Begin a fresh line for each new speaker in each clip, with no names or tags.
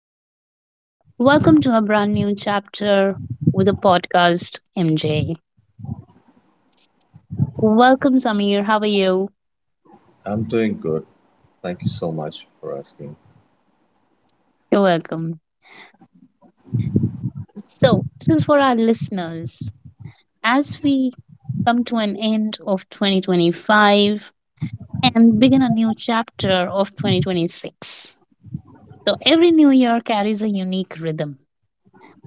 evening. Welcome to a brand new chapter with a podcast, MJ. Welcome, Samir. How are you?
I'm doing good. Thank you so much for asking.
You're welcome. So, this is for our listeners. As we come to an end of 2025 and begin a new chapter of 2026. So, every new year carries a unique rhythm,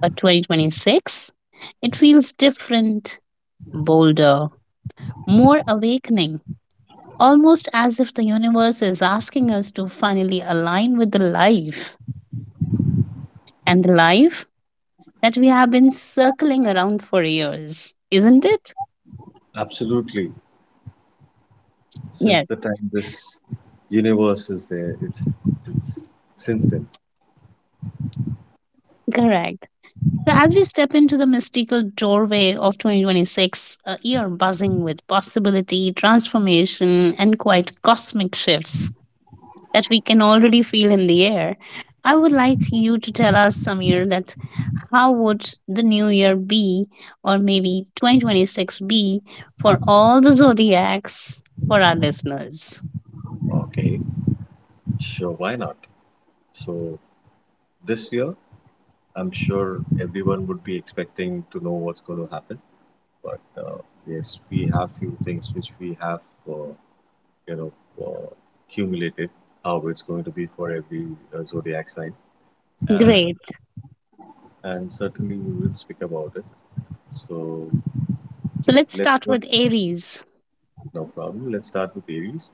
but 2026, it feels different, bolder, more awakening, almost as if the universe is asking us to finally align with the life and the life that we have been circling around for years, isn't it?
Absolutely. Since
Yes,
the time this universe is there, it's since then.
correct. So, as we step into the mystical doorway of 2026, a year buzzing with possibility, transformation, and quite cosmic shifts that we can already feel in the air, I would like you to tell us, Samir, that how would the new year be, or maybe 2026 be, for all the zodiacs for our listeners?
Okay, sure, why not? So this year, I'm sure everyone would be expecting to know what's going to happen. But yes, we have few things which we have, uh, you know, uh, accumulated how it's going to be for every zodiac sign, and
Great.
and certainly we will speak about it. So
So let's
let's
start
not
with Aries.
No problem. Let's start with Aries.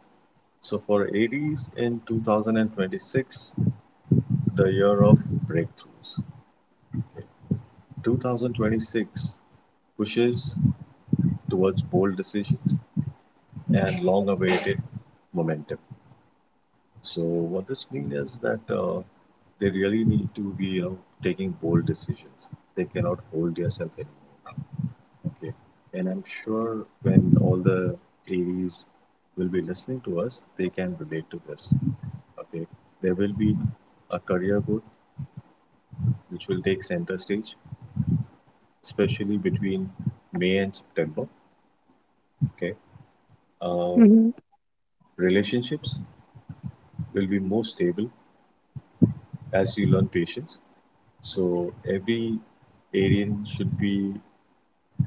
So for Aries in 2026, the year of breakthroughs. 2026 pushes towards bold decisions and long-awaited momentum. So what this means is that they really need to be, taking bold decisions. They cannot hold themselves anymore. Okay, and I'm sure when all the Aries will be listening to us, they can relate to this. Okay, there will be a career growth which will take center stage, especially between May and September. Okay, uh,
Hmm.
relationships will be more stable as you learn patience. So every Aryan should be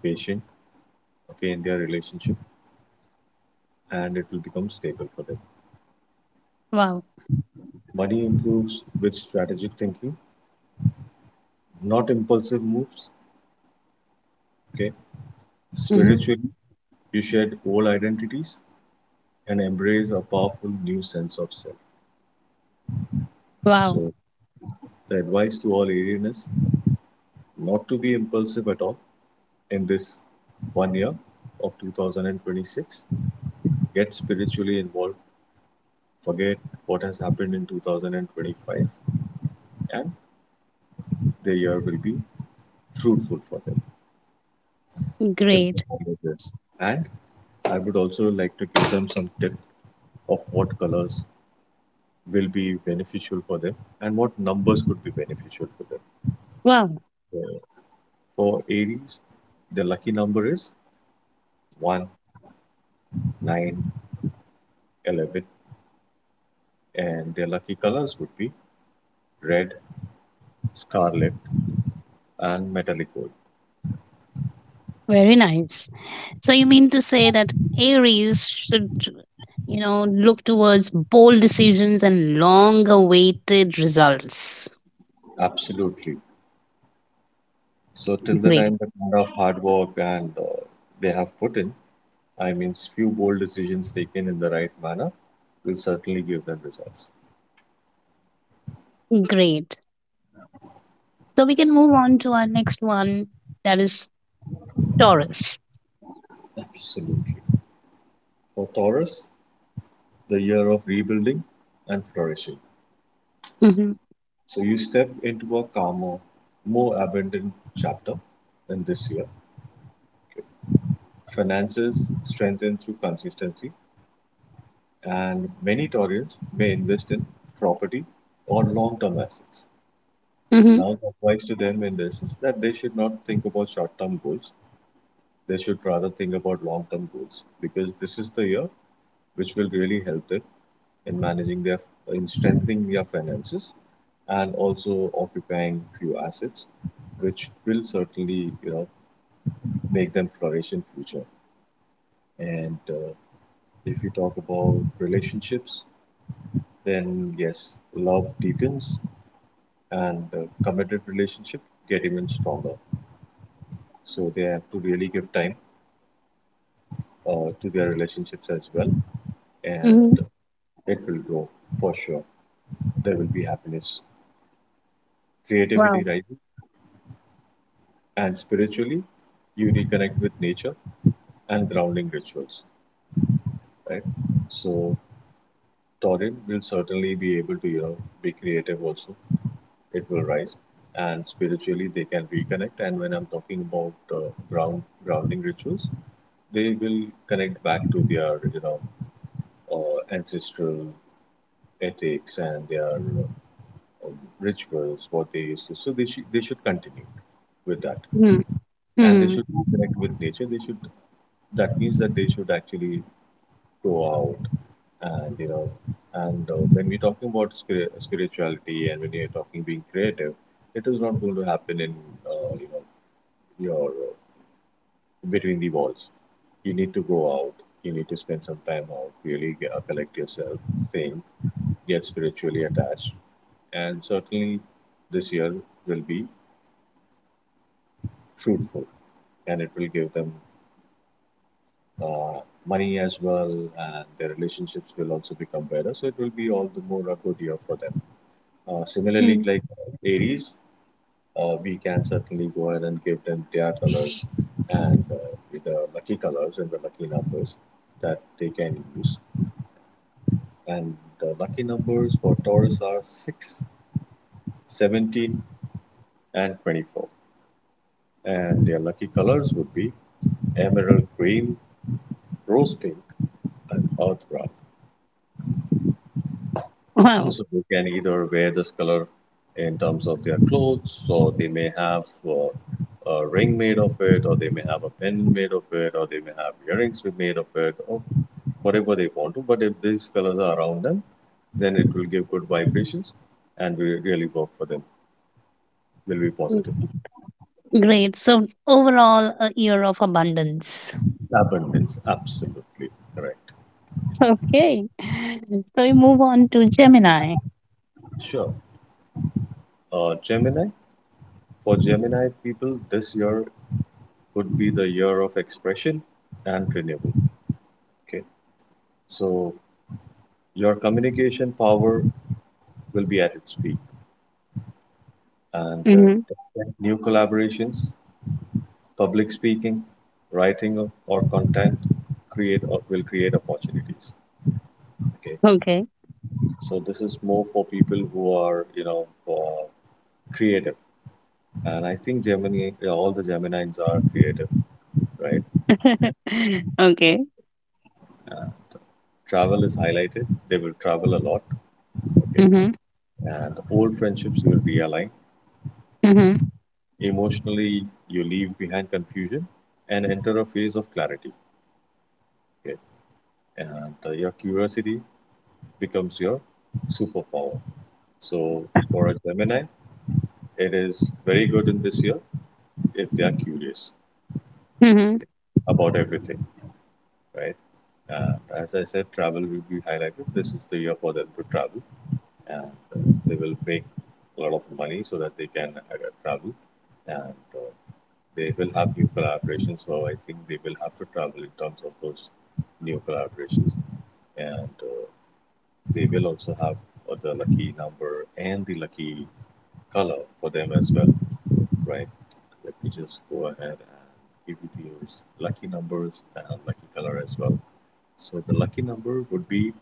patient, okay, in their relationship, and it will become stable for them.
Wow.
Money improves with strategic thinking, not impulsive moves. Okay,
Hmm.
spiritually, you shed old identities and embrace a powerful new sense of self.
Wow.
So the advice to all Aryan is not to be impulsive at all in this one year of 2026. Get spiritually involved. Forget what has happened in 2025, and the year will be fruitful for them if they
Great.
follow this. And I would also like to give them some tip of what colors will be beneficial for them and what numbers could be beneficial for them.
Wow.
So for Aries, the lucky number is 1, 9, 11. And their lucky colors would be red, scarlet, and metallic gold.
Very nice. So you mean to say that Aries should look towards bold decisions and long-awaited results.
Absolutely. So till the
Great.
time the kind of hard work and they have put in, I mean, few bold decisions taken in the right manner will certainly give them results.
Great. So we can move on to our next one, that is Taurus.
Absolutely. For Taurus, the year of rebuilding and flourishing.
Mhm,
So you step into a calmer, more abundant chapter in this year. Okay. Finances strengthen through consistency and many Taurians may invest in property or long-term assets.
mhm,
Now, the advice to them in this is that they should not think about short-term goals. They should rather think about long-term goals because this is the year which will really help them in managing their, in strengthening their finances, and also occupying few assets, which will certainly, make them flourish in future. And if you talk about relationships, then yes, love deepens and the committed relationship get even stronger. So they have to really give time to their relationships as well,
mhm.
and it will grow for sure. There will be happiness, creativity
Wow.
rises, and spiritually, you reconnect with nature and grounding rituals, right? So Taurin will certainly be able to, be creative also. It will rise, and spiritually they can reconnect. And when I'm talking about grounding rituals, they will connect back to their, ancestral ethics and their rituals what they used to. So they should continue with that.
Mhm,
And they
mhm,
should connect with nature. They should That means that they should actually go out. And you know and uh, when we're talking about spirituality and when you're talking being creative, it is not going to happen in you know your between the walls. You need to go out. You need to spend some time out, really get, collect yourself, think, get spiritually attached. And certainly, this year will be fruitful and it will give them uh, money as well, and their relationships will also become better. So, it will be all the more a good year for them. Similarly,
mhm.
like Aries, we can certainly go ahead and give them their colors and with the lucky colors and the lucky numbers that they can use, and the lucky numbers for Taurus are 6, 17, and 24. And their lucky colors would be emerald green, rose pink, and earth brown.
Wow.
So they can either wear this color in terms of their clothes, or they may have a ring made of it, or they may have a pendant made of it, or they may have earrings made of it, or whatever they want to. But if these colors are around them, then it will give good vibrations and will really work for them. Will be
Mm.
positive.
Great. So overall, a year of abundance.
Abundance, absolutely correct.
Okay. So we move on to Gemini.
Sure. Gemini, for Gemini people, this year could be the year of expression and renewal. Okay. So your communication power will be at its peak, and
Hmm.
new collaborations, public speaking, writing of, or content create or will create opportunities. Okay.
Okay.
So this is more for people who are creative. And I think Gemini, all the Gemini's are creative, right?
Okay.
Uh, Travel is highlighted. They will travel a lot. Okay.
Hmm.
And old friendships will realign.
Hmm.
Emotionally, you leave behind confusion and enter a phase of clarity. Okay. And your curiosity becomes your superpower. So for a Gemini, it is very good in this year if they are curious,
Hmm.
okay, about everything, right? And as I said, travel will be highlighted. This is the year for them to travel, and they will make a lot of money so that they can travel. And they will have new collaborations, so I think they will have to travel in terms of those new collaborations. And they will also have the lucky number and the lucky color for them as well, right? Let me just go ahead and give you those lucky numbers and lucky color as well. So the lucky number would be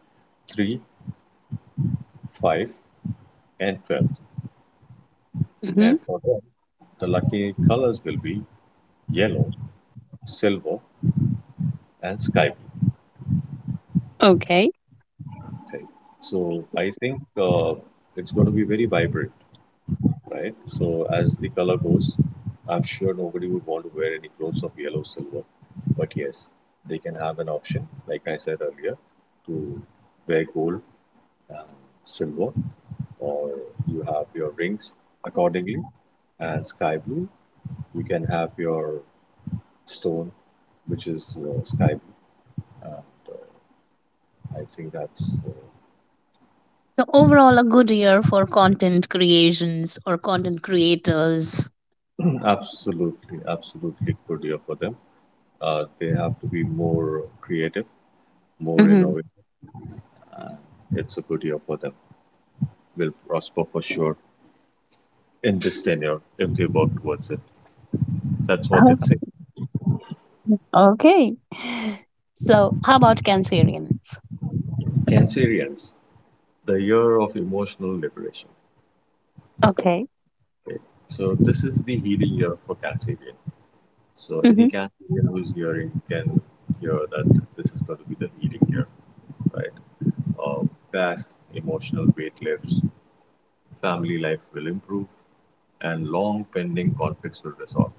3, 5, and 12.
Hmm.
And for them, the lucky colors will be yellow, silver, and sky blue.
Okay.
Okay. So I think it's going to be very vibrant, right? So as the color goes, I'm sure nobody would want to wear any clothes of yellow, silver. But yes, they can have an option, like I said earlier, to wear gold, and silver, or you have your rings accordingly. And sky blue, you can have your stone which is sky blue. And I think that's
So overall, a good year for content creations or content creators.
absolutely good year for them. They have to be more creative, more
Hmm.
innovative, and it's a good year for them. Will prosper for sure in this tenure if they work towards it. That's what it's saying.
Okay. Okay. So how about Cancerians?
Cancerians, the year of emotional liberation.
Okay.
Okay. So this is the healing year for Cancerian. So
Hmm.
any Cancerian who's hearing can hear that this is going to be the healing year, right? Uh, Past emotional weight lifts, family life will improve, and long pending conflicts will resolve.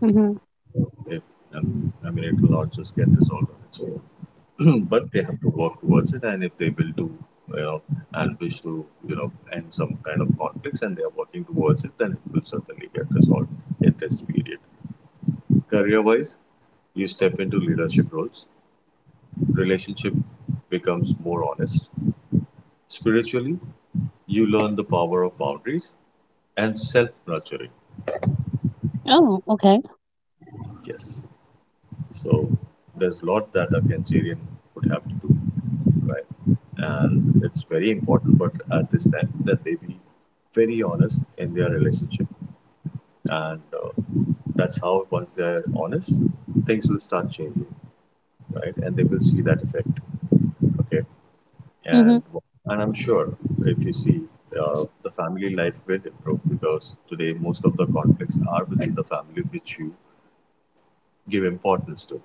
Hmm.
If I mean, it will not just get resolved on its own, but they have to work towards it. And if they will do, you know, and wish to, end some kind of conflicts, and they are working towards it, then it will certainly get resolved in this period. Career-wise, you step into leadership roles, relationship becomes more honest. Spiritually, you learn the power of boundaries and self-nurturing.
Oh, okay.
Yes. So there's a lot that a Cancerian would have to do, right? And it's very important, but at this time, that they be very honest in their relationship. And that's how once they're honest, things will start changing, right? And they will see that effect, okay?
Mhm,
and and I'm sure if you see, the family life will improve because today most of the conflicts are within the family which you give importance to,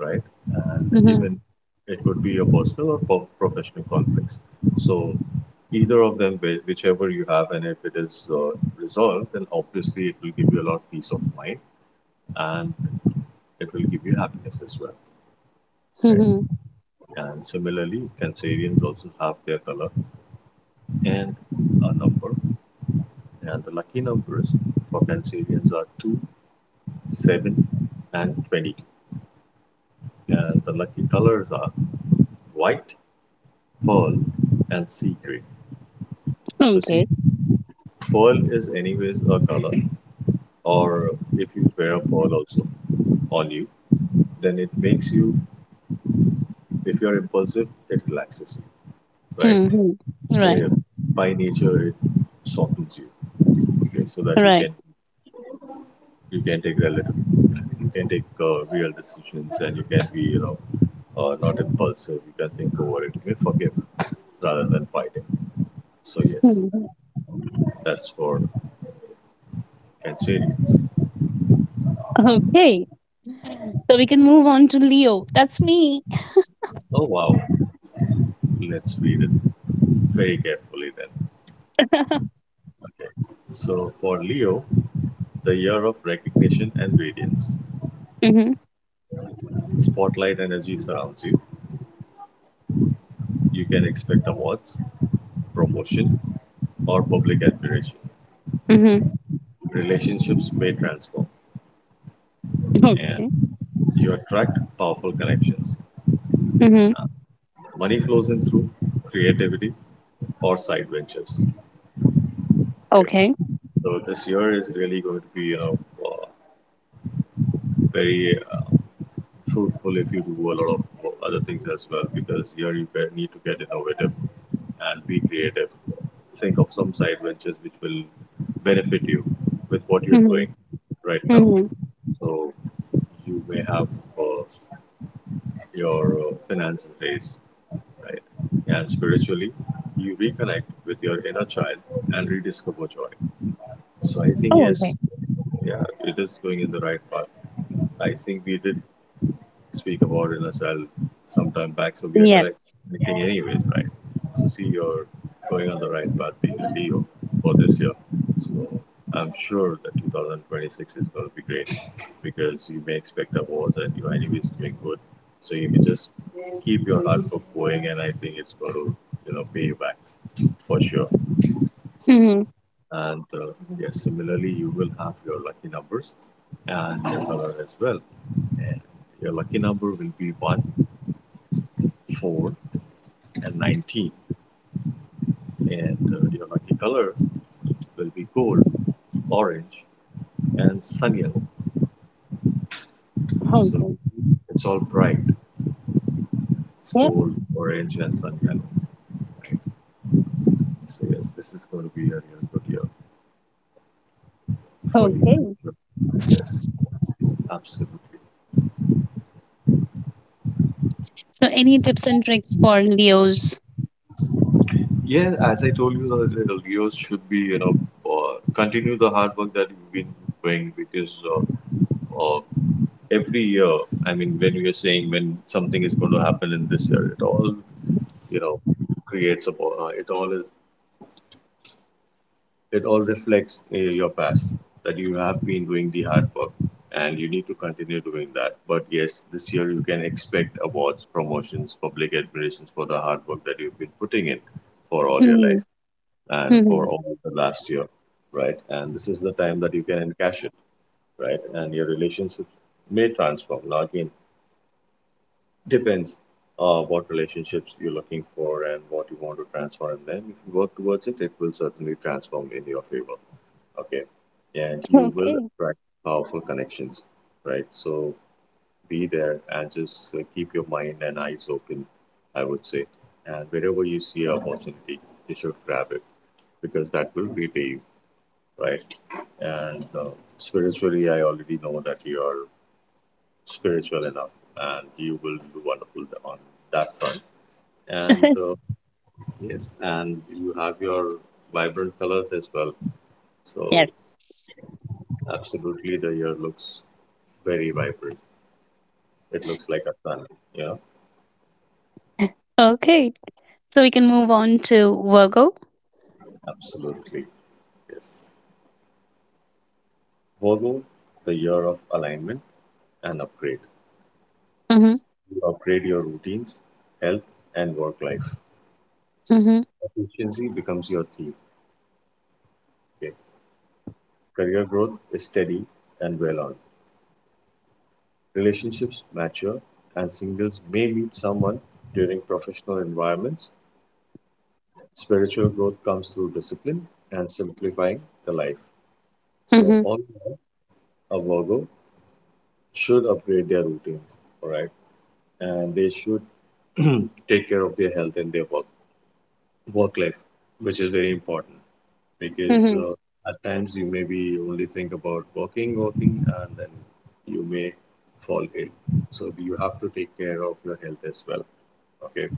right? And
mhm,
even it could be a personal or professional conflicts. So either of them, whichever you have, and if it is resolved, then obviously it will give you a lot of peace of mind and it will give you happiness as well, right?
mhm.
And similarly, Cancerians also have their color and a number. And the lucky numbers for Cancerians are 2, 7, and 22. And the lucky colors are white, pearl, and sea gray. So,
Okay.
see, pearl is, anyways, a color, or if you wear a pearl also on you, then it makes you, if you're impulsive, it relaxes you, right?
Mhm. Right,
Yeah, by nature, it softens you, okay, so that
right.
you can take relative you can take real decisions, and you can be, not impulsive. You can think over it, you can forgive rather than fighting. So yes,
Mhm.
that's for Cancerians.
Okay. So we can move on to Leo. That's me.
Oh, wow. Let's read it very carefully, then. So for Leo, the year of recognition and radiance.
Mhm,
Spotlight energy surrounds you. You can expect awards, promotion, or public admiration.
mhm.
Relationships may transform, and
Okay.
you attract powerful connections.
Mhm.
Money flows in through creativity or side ventures. Okay,
Okay.
so this year is really going to be uh, very fruitful if you do a lot of other things as well because here you need to get innovative and be creative. Think of some side ventures which will benefit you with what you're
Mhm,
doing right now.
mhm.
So you may have uh, your finances raised, right? And spiritually, you reconnect with your inner child and rediscover joy. So I think
Oh, okay.
yes, yeah, it is going in the right path. I think we did speak about it as well sometime back. So we are
Yes.
connecting anyways, right? So see, you're going on the right path being a Leo for this year. So I'm sure that 2026 is going to be great because you may expect awards and you're anyways doing good. So you can just keep your hard work going, and I think it's going to pay you back for sure.
Mhm.
And yes, similarly, you will have your lucky numbers and your color as well. And your lucky number will be one, 4, and 19, and your lucky colors will be gold, orange, and sun yellow. So
Okay.
it's all bright. It's
Yep.
gold, orange, and sun yellow. So yes, this is going to be a real good year for you.
Okay.
Yes, absolutely.
So any tips and tricks for Leos?
Yeah, as I told you, the Leos should be, uh, continue the hard work that you've been doing, because uh, every year, I mean, when you're saying when something is going to happen in this year, it all, you know, creates a, it all, it all reflects your past that you have been doing the hard work, and you need to continue doing that. But yes, this year you can expect awards, promotions, public admirations for the hard work that you've been putting in for all your life
Mhm,
and for
mhm.
all of the last year, right? And this is the time that you can encash it, right? And your relationships may transform. Now, again, depends what relationships you're looking for and what you want to transform in them. If you work towards it, it will certainly transform in your favor. Okay. And you will
Okay.
attract powerful connections, right? So be there and just keep your mind and eyes open, I would say. And wherever you see an opportunity, you should grab it, because that will repay you, right? And spiritually, I already know that you are spiritual enough and you will do wonderful on that front. And yes, and you have your vibrant colors as well, so
Yes.
absolutely the year looks very vibrant. It looks like a sun. Yeah,
Okay. So we can move on to Virgo.
absolutely. Yes, Virgo, the year of alignment and upgrade.
Mm-hmm.
You upgrade your routines, health, and work life.
Mm-hmm.
Efficiency becomes your theme. Okay, career growth is steady and well on. Relationships mature, and singles may meet someone during professional environments. Spiritual growth comes through discipline and simplifying the life. So,
Mm-hmm.
all in all, a Virgo should upgrade their routines, all right? And they should take care of their health and their work, work life, which is very important, because
Mhm.
at times you may be only think about working, working, and then you may fall ill. So, you have to take care of your health as well, okay?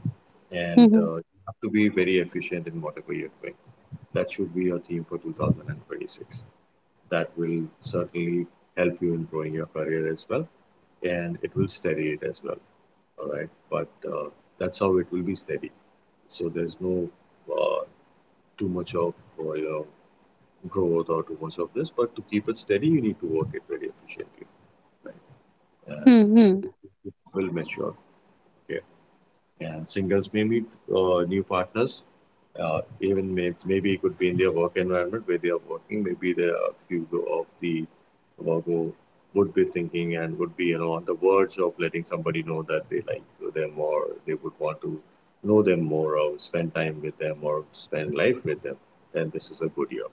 And
Mhm.
you have to be very efficient in whatever you're doing. That should be your theme for 2026. That will certainly help you in growing your career as well, and it will steady it as well. All right, but that's how it will be steady. So there's no uh, too much of uh, you know growth or too much of this, but to keep it steady, you need to work it very efficiently, right? And
Mhm.
it will mature. Okay. And singles may meet new partners. Even maybe it could be in their work environment where they are working. Maybe there are a few of the Virgo would be thinking and would be on the verge of letting somebody know that they like them, or they would want to know them more or spend time with them or spend life with them. Then this is a good year.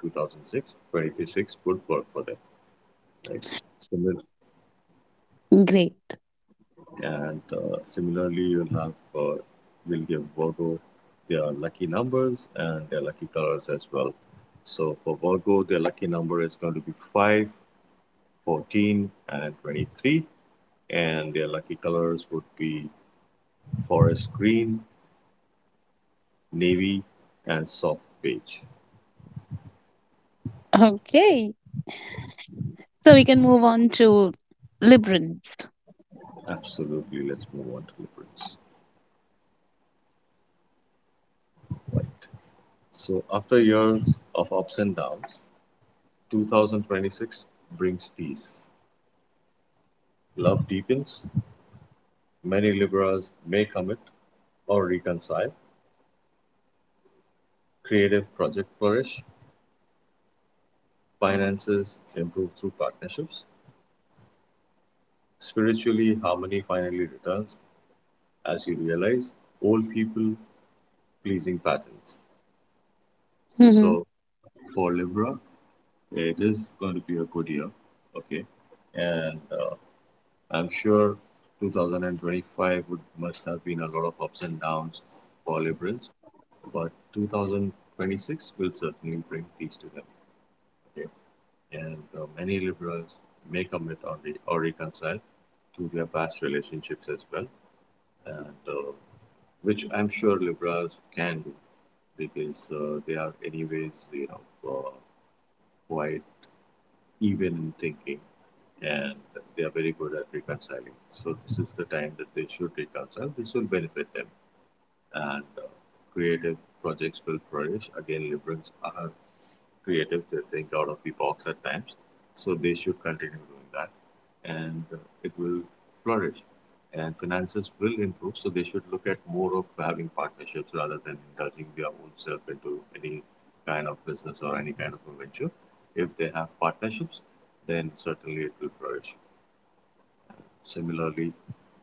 2006, 23 six would work for them. Right. Similar.
Great.
And similarly, you'll have uh, will give Virgo their lucky numbers and their lucky colors as well. So for Virgo, their lucky number is going to be 5, 14, and 23. And their lucky colors would be forest green, navy, and soft beige.
Okay. So we can move on to liberals.
Absolutely, let's move on to Libras. Right. So after years of ups and downs, 2026 brings peace. Love deepens. Many Libras may commit or reconcile, creative project flourish, finances improve through partnerships, spiritually harmony finally returns as you realize old people pleasing patterns.
Hmm.
So for Libra, it is going to be a good year, okay, and I'm sure 2025 would must have been a lot of ups and downs for Librans, but 2026 will certainly bring peace to them. Okay. And many liberals may commit or, reconcile to their past relationships as well, and which I'm sure liberals can do, because they are anyways quite even in thinking, and they are very good at reconciling. So this is the time that they should reconcile. This will benefit them, and creative projects will flourish. Again, liberals are creative. They think out of the box at times. So they should continue doing that, and it will flourish. And finances will improve. So they should look at more of having partnerships rather than indulging their own self into any kind of business or any kind of a venture. If they have partnerships, then certainly it will flourish. Similarly,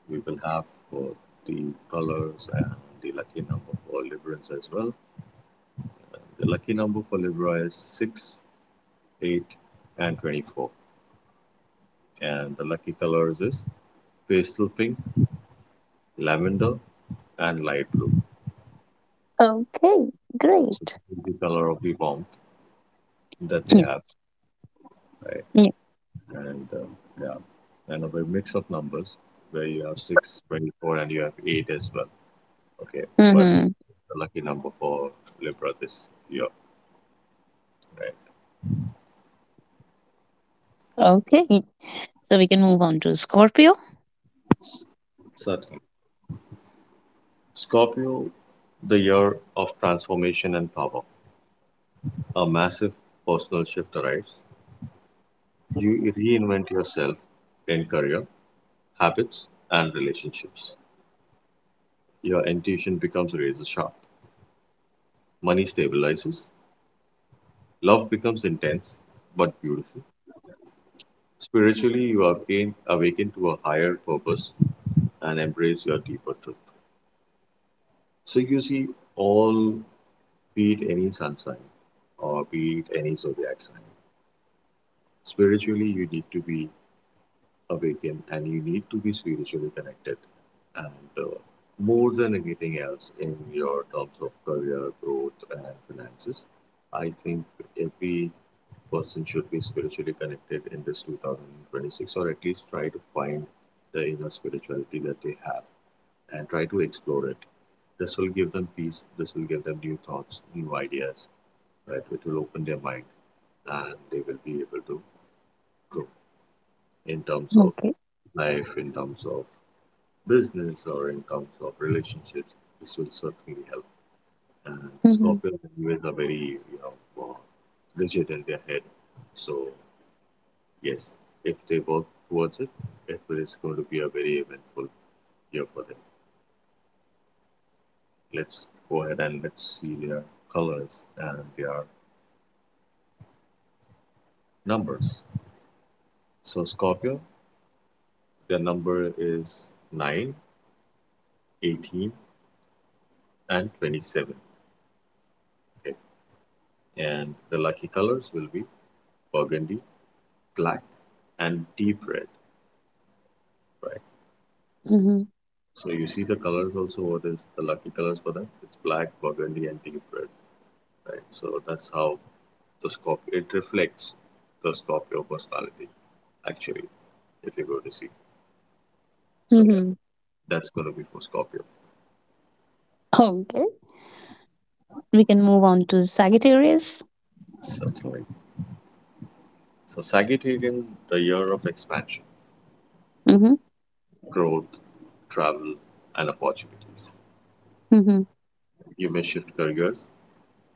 we will have for the colors and the lucky number for Librans as well. The lucky number for Libra is six, eight, and 24. And the lucky colors is pastel pink, lavender, and light blue.
Okay.
So
Great.
this is the color of the warmth that they
Yeah.
have, right?
Yeah.
And yeah, and a mix of numbers where you have 6, 24, and you have 8 as well. Okay, but 8
Hmm.
is the lucky number for Libra this year, right?
Okay. So we can move on to Scorpio.
Certainly. Scorpio, the year of transformation and power. A massive personal shift arrives. You reinvent yourself in career, habits, and relationships. Your intuition becomes razor sharp. Money stabilizes. Love becomes intense but beautiful. Spiritually, you are awakened to a higher purpose and embrace your deeper truth. So you see, all, be it any sun sign or be it any zodiac sign, spiritually you need to be awaken and you need to be spiritually connected, and more than anything else in your terms of career growth and finances, I think every person should be spiritually connected in this 2026, or at least try to find the inner spirituality that they have and try to explore it. This will give them peace. This will give them new thoughts, new ideas, right? Which will open their mind, and they will be able to grow in terms of
Okay.
life, in terms of business, or in terms of relationships. This will certainly help. And
Hmm.
Scorpios anyways are very, you know, uh, rigid in their head. So yes, if they work towards it, it is going to be a very eventful year for them. Let's go ahead and let's see their colors and their numbers. So Scorpio, their number is 9, 18, and 27. Okay. And the lucky colors will be burgundy, black, and deep red, right?
Hmm.
So you see the colors also, what is the lucky colors for that? It's black, burgundy, and deep red, right? So that's how the Scorpio, it reflects the Scorpio personality, actually, if you go to see. So yeah,
Hmm.
that's going to be for Scorpio,
Okay. We can move on to Sagittarius.
certainly. So Sagittarian, the year of expansion,
Hmm.
growth, travel, and opportunities.
Hmm.
You may shift careers,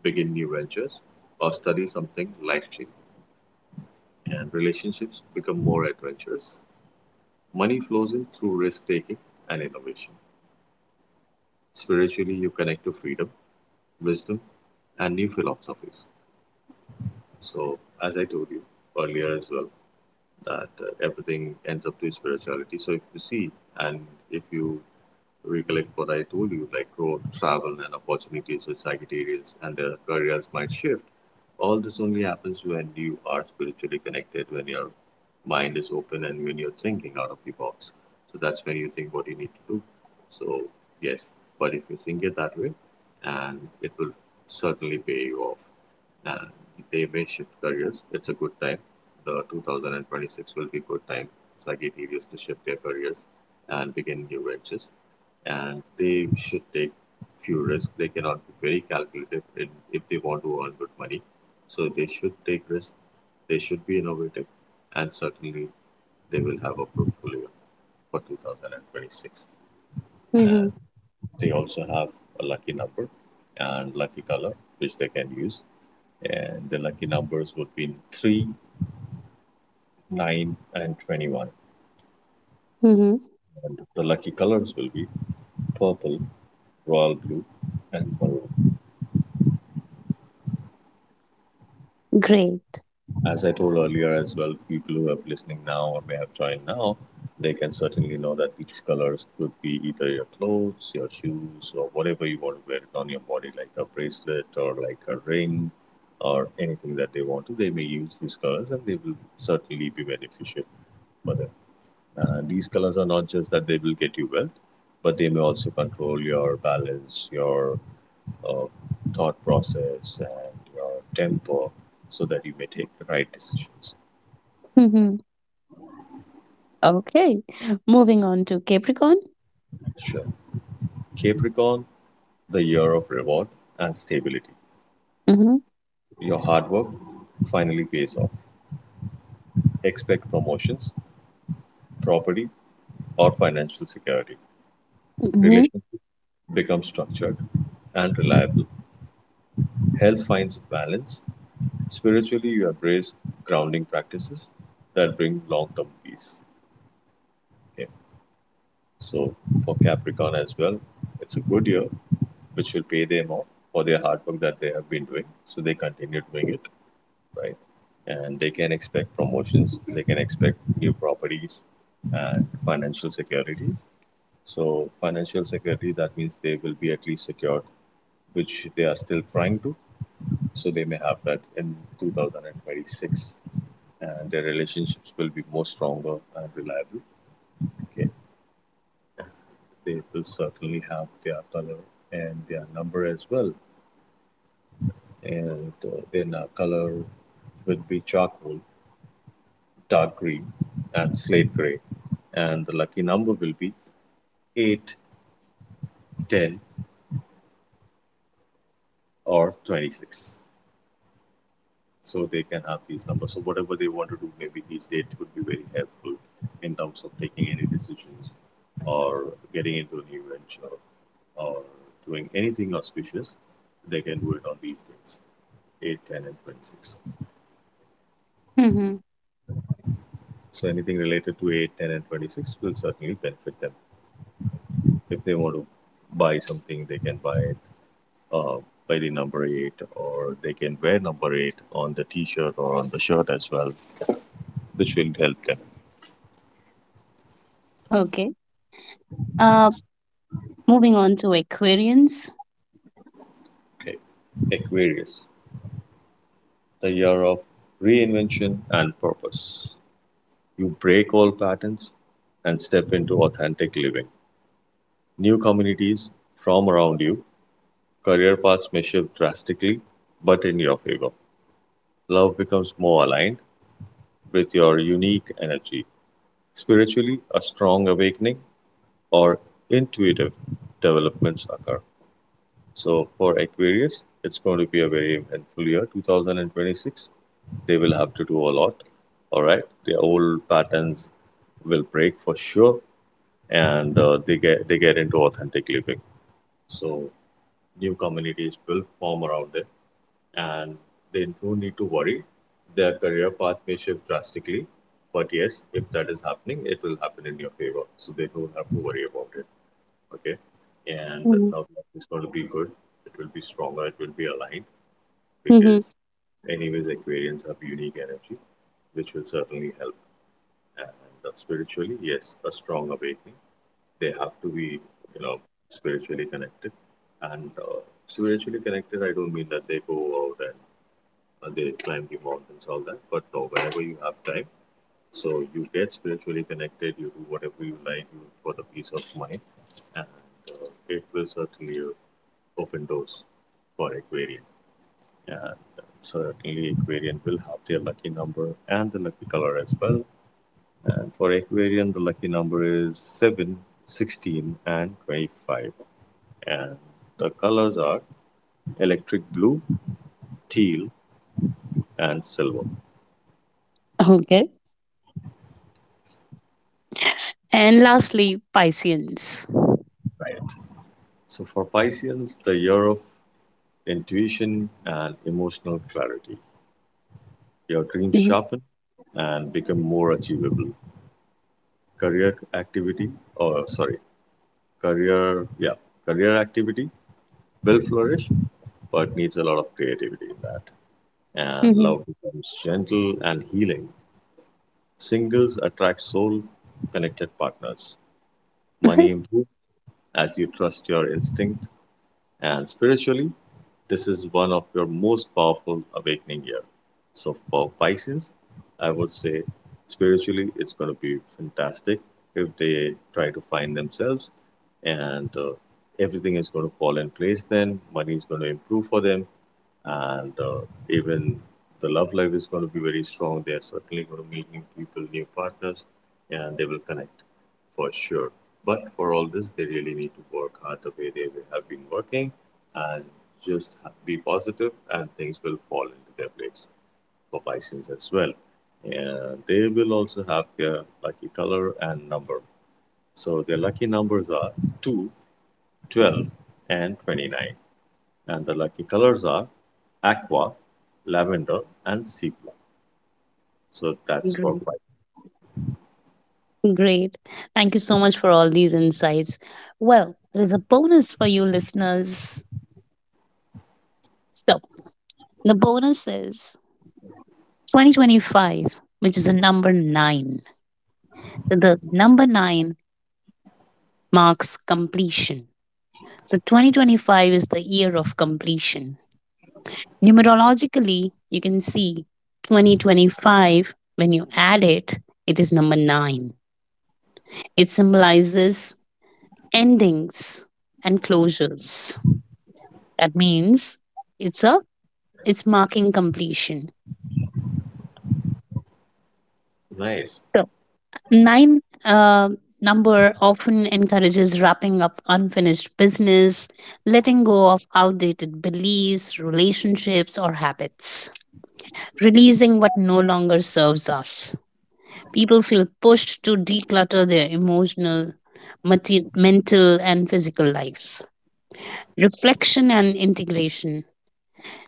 begin new ventures, or study something life-changing. And relationships become more adventurous. Money flows in through risk taking and innovation. Spiritually, you connect to freedom, wisdom, and new philosophies. So, as I told you earlier as well, that everything ends up to spirituality. So, if you see and if you recollect what I told you, like growth, travel, and opportunities with Sagittarius, and their careers might shift. All this only happens when you are spiritually connected, when your mind is open, and when you're thinking out of the box. So that's when you think what you need to do. So, yes, but if you think it that way, and it will certainly pay you off, and they may shift careers. It's a good time. The 2026 will be good time for Sagittarius to shift their careers and begin new ventures. And they should take few risks. They cannot be very calculative in if they want to earn good money. So they should take risks. They should be innovative, and certainly they will have a portfolio for 2026.
Hmm.
And they also have a lucky number and lucky color which they can use, and the lucky numbers would be 3, 9, and 21.
Hmm.
And the lucky colors will be purple, royal blue, and maroon.
Great.
As I told earlier as well, people who are listening now or may have joined now, they can certainly know that these colors could be either your clothes, your shoes, or whatever you want to wear it on your body, like a bracelet or like a ring or anything that they want to. They may use these colors and they will certainly be beneficial for them. These colors are not just that they will get you wealth, but they may also control your balance, your uh, thought process, and your temper so that you may take the right decisions.
Hmm. Okay. Moving on to Capricorn.
Sure. Capricorn, the year of reward and stability.
Hmm.
Your hard work finally pays off. Expect promotions, property, or financial security.
Hmm.
Relationships become structured and reliable. Health finds balance. Spiritually, you embrace grounding practices that bring long term peace. Okay. So, for Capricorn as well, it's a good year which will pay them off for their hard work that they have been doing. So, they continue doing it, right? And they can expect promotions, they can expect new properties and financial security. So, financial security that means they will be at least secured, which they are still trying to. So, they may have that in 2026, and their relationships will be more stronger and reliable. Okay, they will certainly have their color and their number as well, and then our color will be charcoal, dark green, and slate gray, and the lucky number will be 8, 10, or 26. So they can have these numbers. So whatever they want to do, maybe these dates could be very helpful in terms of taking any decisions or getting into a new venture or doing anything auspicious. They can do it on these dates, 8, 10, and 26.
Hmm.
So anything related to 8, 10, and 26 will certainly benefit them. If they want to buy something, they can buy it uh, by the number 8, or they can wear number 8 on the t-shirt or on the shirt as well, which will help them.
Okay. Uh, Moving on to Aquarians.
Okay, Aquarius, the year of reinvention and purpose. You break all patterns and step into authentic living. New communities from around you, career paths may shift drastically, but in your favor. Love becomes more aligned with your unique energy. Spiritually, a strong awakening or intuitive developments occur. So for Aquarius, it's going to be a very eventful year. 2026, they will have to do a lot. All right, their old patterns will break for sure, and they get into authentic living. So new communities will form around them, and they don't need to worry. Their career path may shift drastically, but yes, if that is happening, it will happen in your favor. So they don't have to worry about it. Okay, and
Mhm.
now it's going to be good. It will be stronger, it will be aligned,
Mhm.
because anyways Aquarians have unique energy which will certainly help. And spiritually, yes, a strong awakening. They have to be, you know, spiritually connected. And spiritually connected, I don't mean that they go out and they climb the mountains all that, but no, whenever you have time, so you get spiritually connected, you do whatever you like, you for the peace of mind. And it will certainly open doors for Aquarian. And certainly, Aquarian will have their lucky number and the lucky color as well. And for Aquarian, the lucky number is 7, 16, and 25. And the colors are electric blue, teal, and silver.
Okay. And lastly, Pisceans.
Right. So for Pisceans, the year of intuition and emotional clarity. Your dreams
Mhm.
sharpen and become more achievable. Career activity, or sorry, career, yeah, career activity will flourish, but needs a lot of creativity in that. And
Mhm.
love becomes gentle and healing. Singles attract soul connected partners. Money improves as you trust your instinct. And spiritually, this is one of your most powerful awakening year. So for Pisces, I would say spiritually it's going to be fantastic. If they try to find themselves and everything is going to fall in place, then money is going to improve for them. And even the love life is going to be very strong. They are certainly going to meet new people, new partners, and they will connect for sure. But for all this, they really need to work hard the way they have been working and just be positive, and things will fall into their place for Pisces as well. And they will also have their lucky color and number. So their lucky numbers are 2, 12, and 29, and the lucky colors are aqua, lavender, and sea blue. So that's for
Great.
five.
Great. Thank you so much for all these insights. Well, there's a bonus for you listeners. So, the bonus is 2025, which is a number nine. So the number nine marks completion. So, 2025 is the year of completion. Numerologically, you can see 2025, when you add it, it is number nine. It symbolizes endings and closures. That means it's a it's marking completion.
Nice.
So nine number often encourages wrapping up unfinished business, letting go of outdated beliefs, relationships, or habits, releasing what no longer serves us. People feel pushed to declutter their emotional, mental, and physical life. Reflection and integration.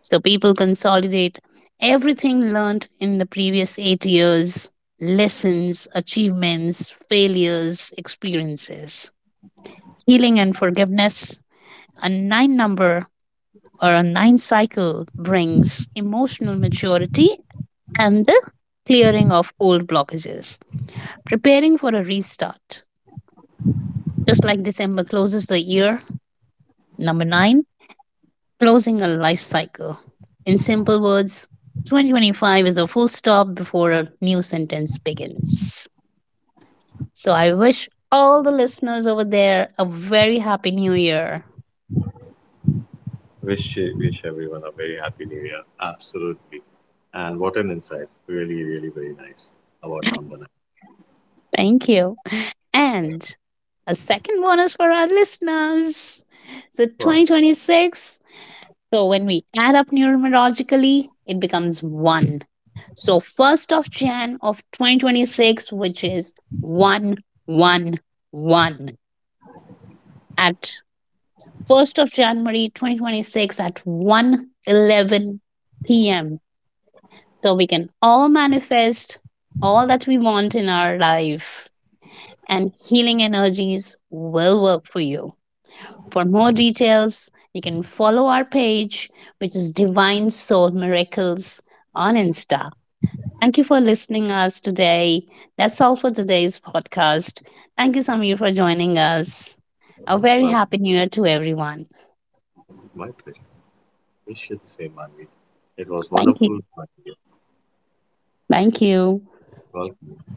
So people consolidate everything learned in the previous 8 years: lessons, achievements, failures, experiences. Healing and forgiveness, a nine number or a nine cycle brings emotional maturity and the clearing of old blockages. Preparing for a restart. Just like December closes the year, number nine closing a life cycle. In simple words, 2025 is a full stop before a new sentence begins. So I wish all the listeners over there a very happy new year.
Wish everyone a very happy new year. Absolutely. And what an insight. Really, really, very nice about number nine.
Thank you. And a second bonus for our listeners. So
Wow.
2026. So when we add up numerologically, it becomes one. So 1st of Jan of 2026, which is 111 at 1st of January 2026 at 1:11 p.m. So we can all manifest all that we want in our life, and healing energies will work for you. For more details, you can follow our page, which is Divine Soul Miracles on Insta. Thank you for listening us today. That's all for today's podcast. Thank you, Samir, for joining us. A
Most
very happy
welcome.
new year to everyone.
My pleasure. Wish you the same, Manvi. It was
Thank you.
wonderful having you.
Thank you.
Welcome.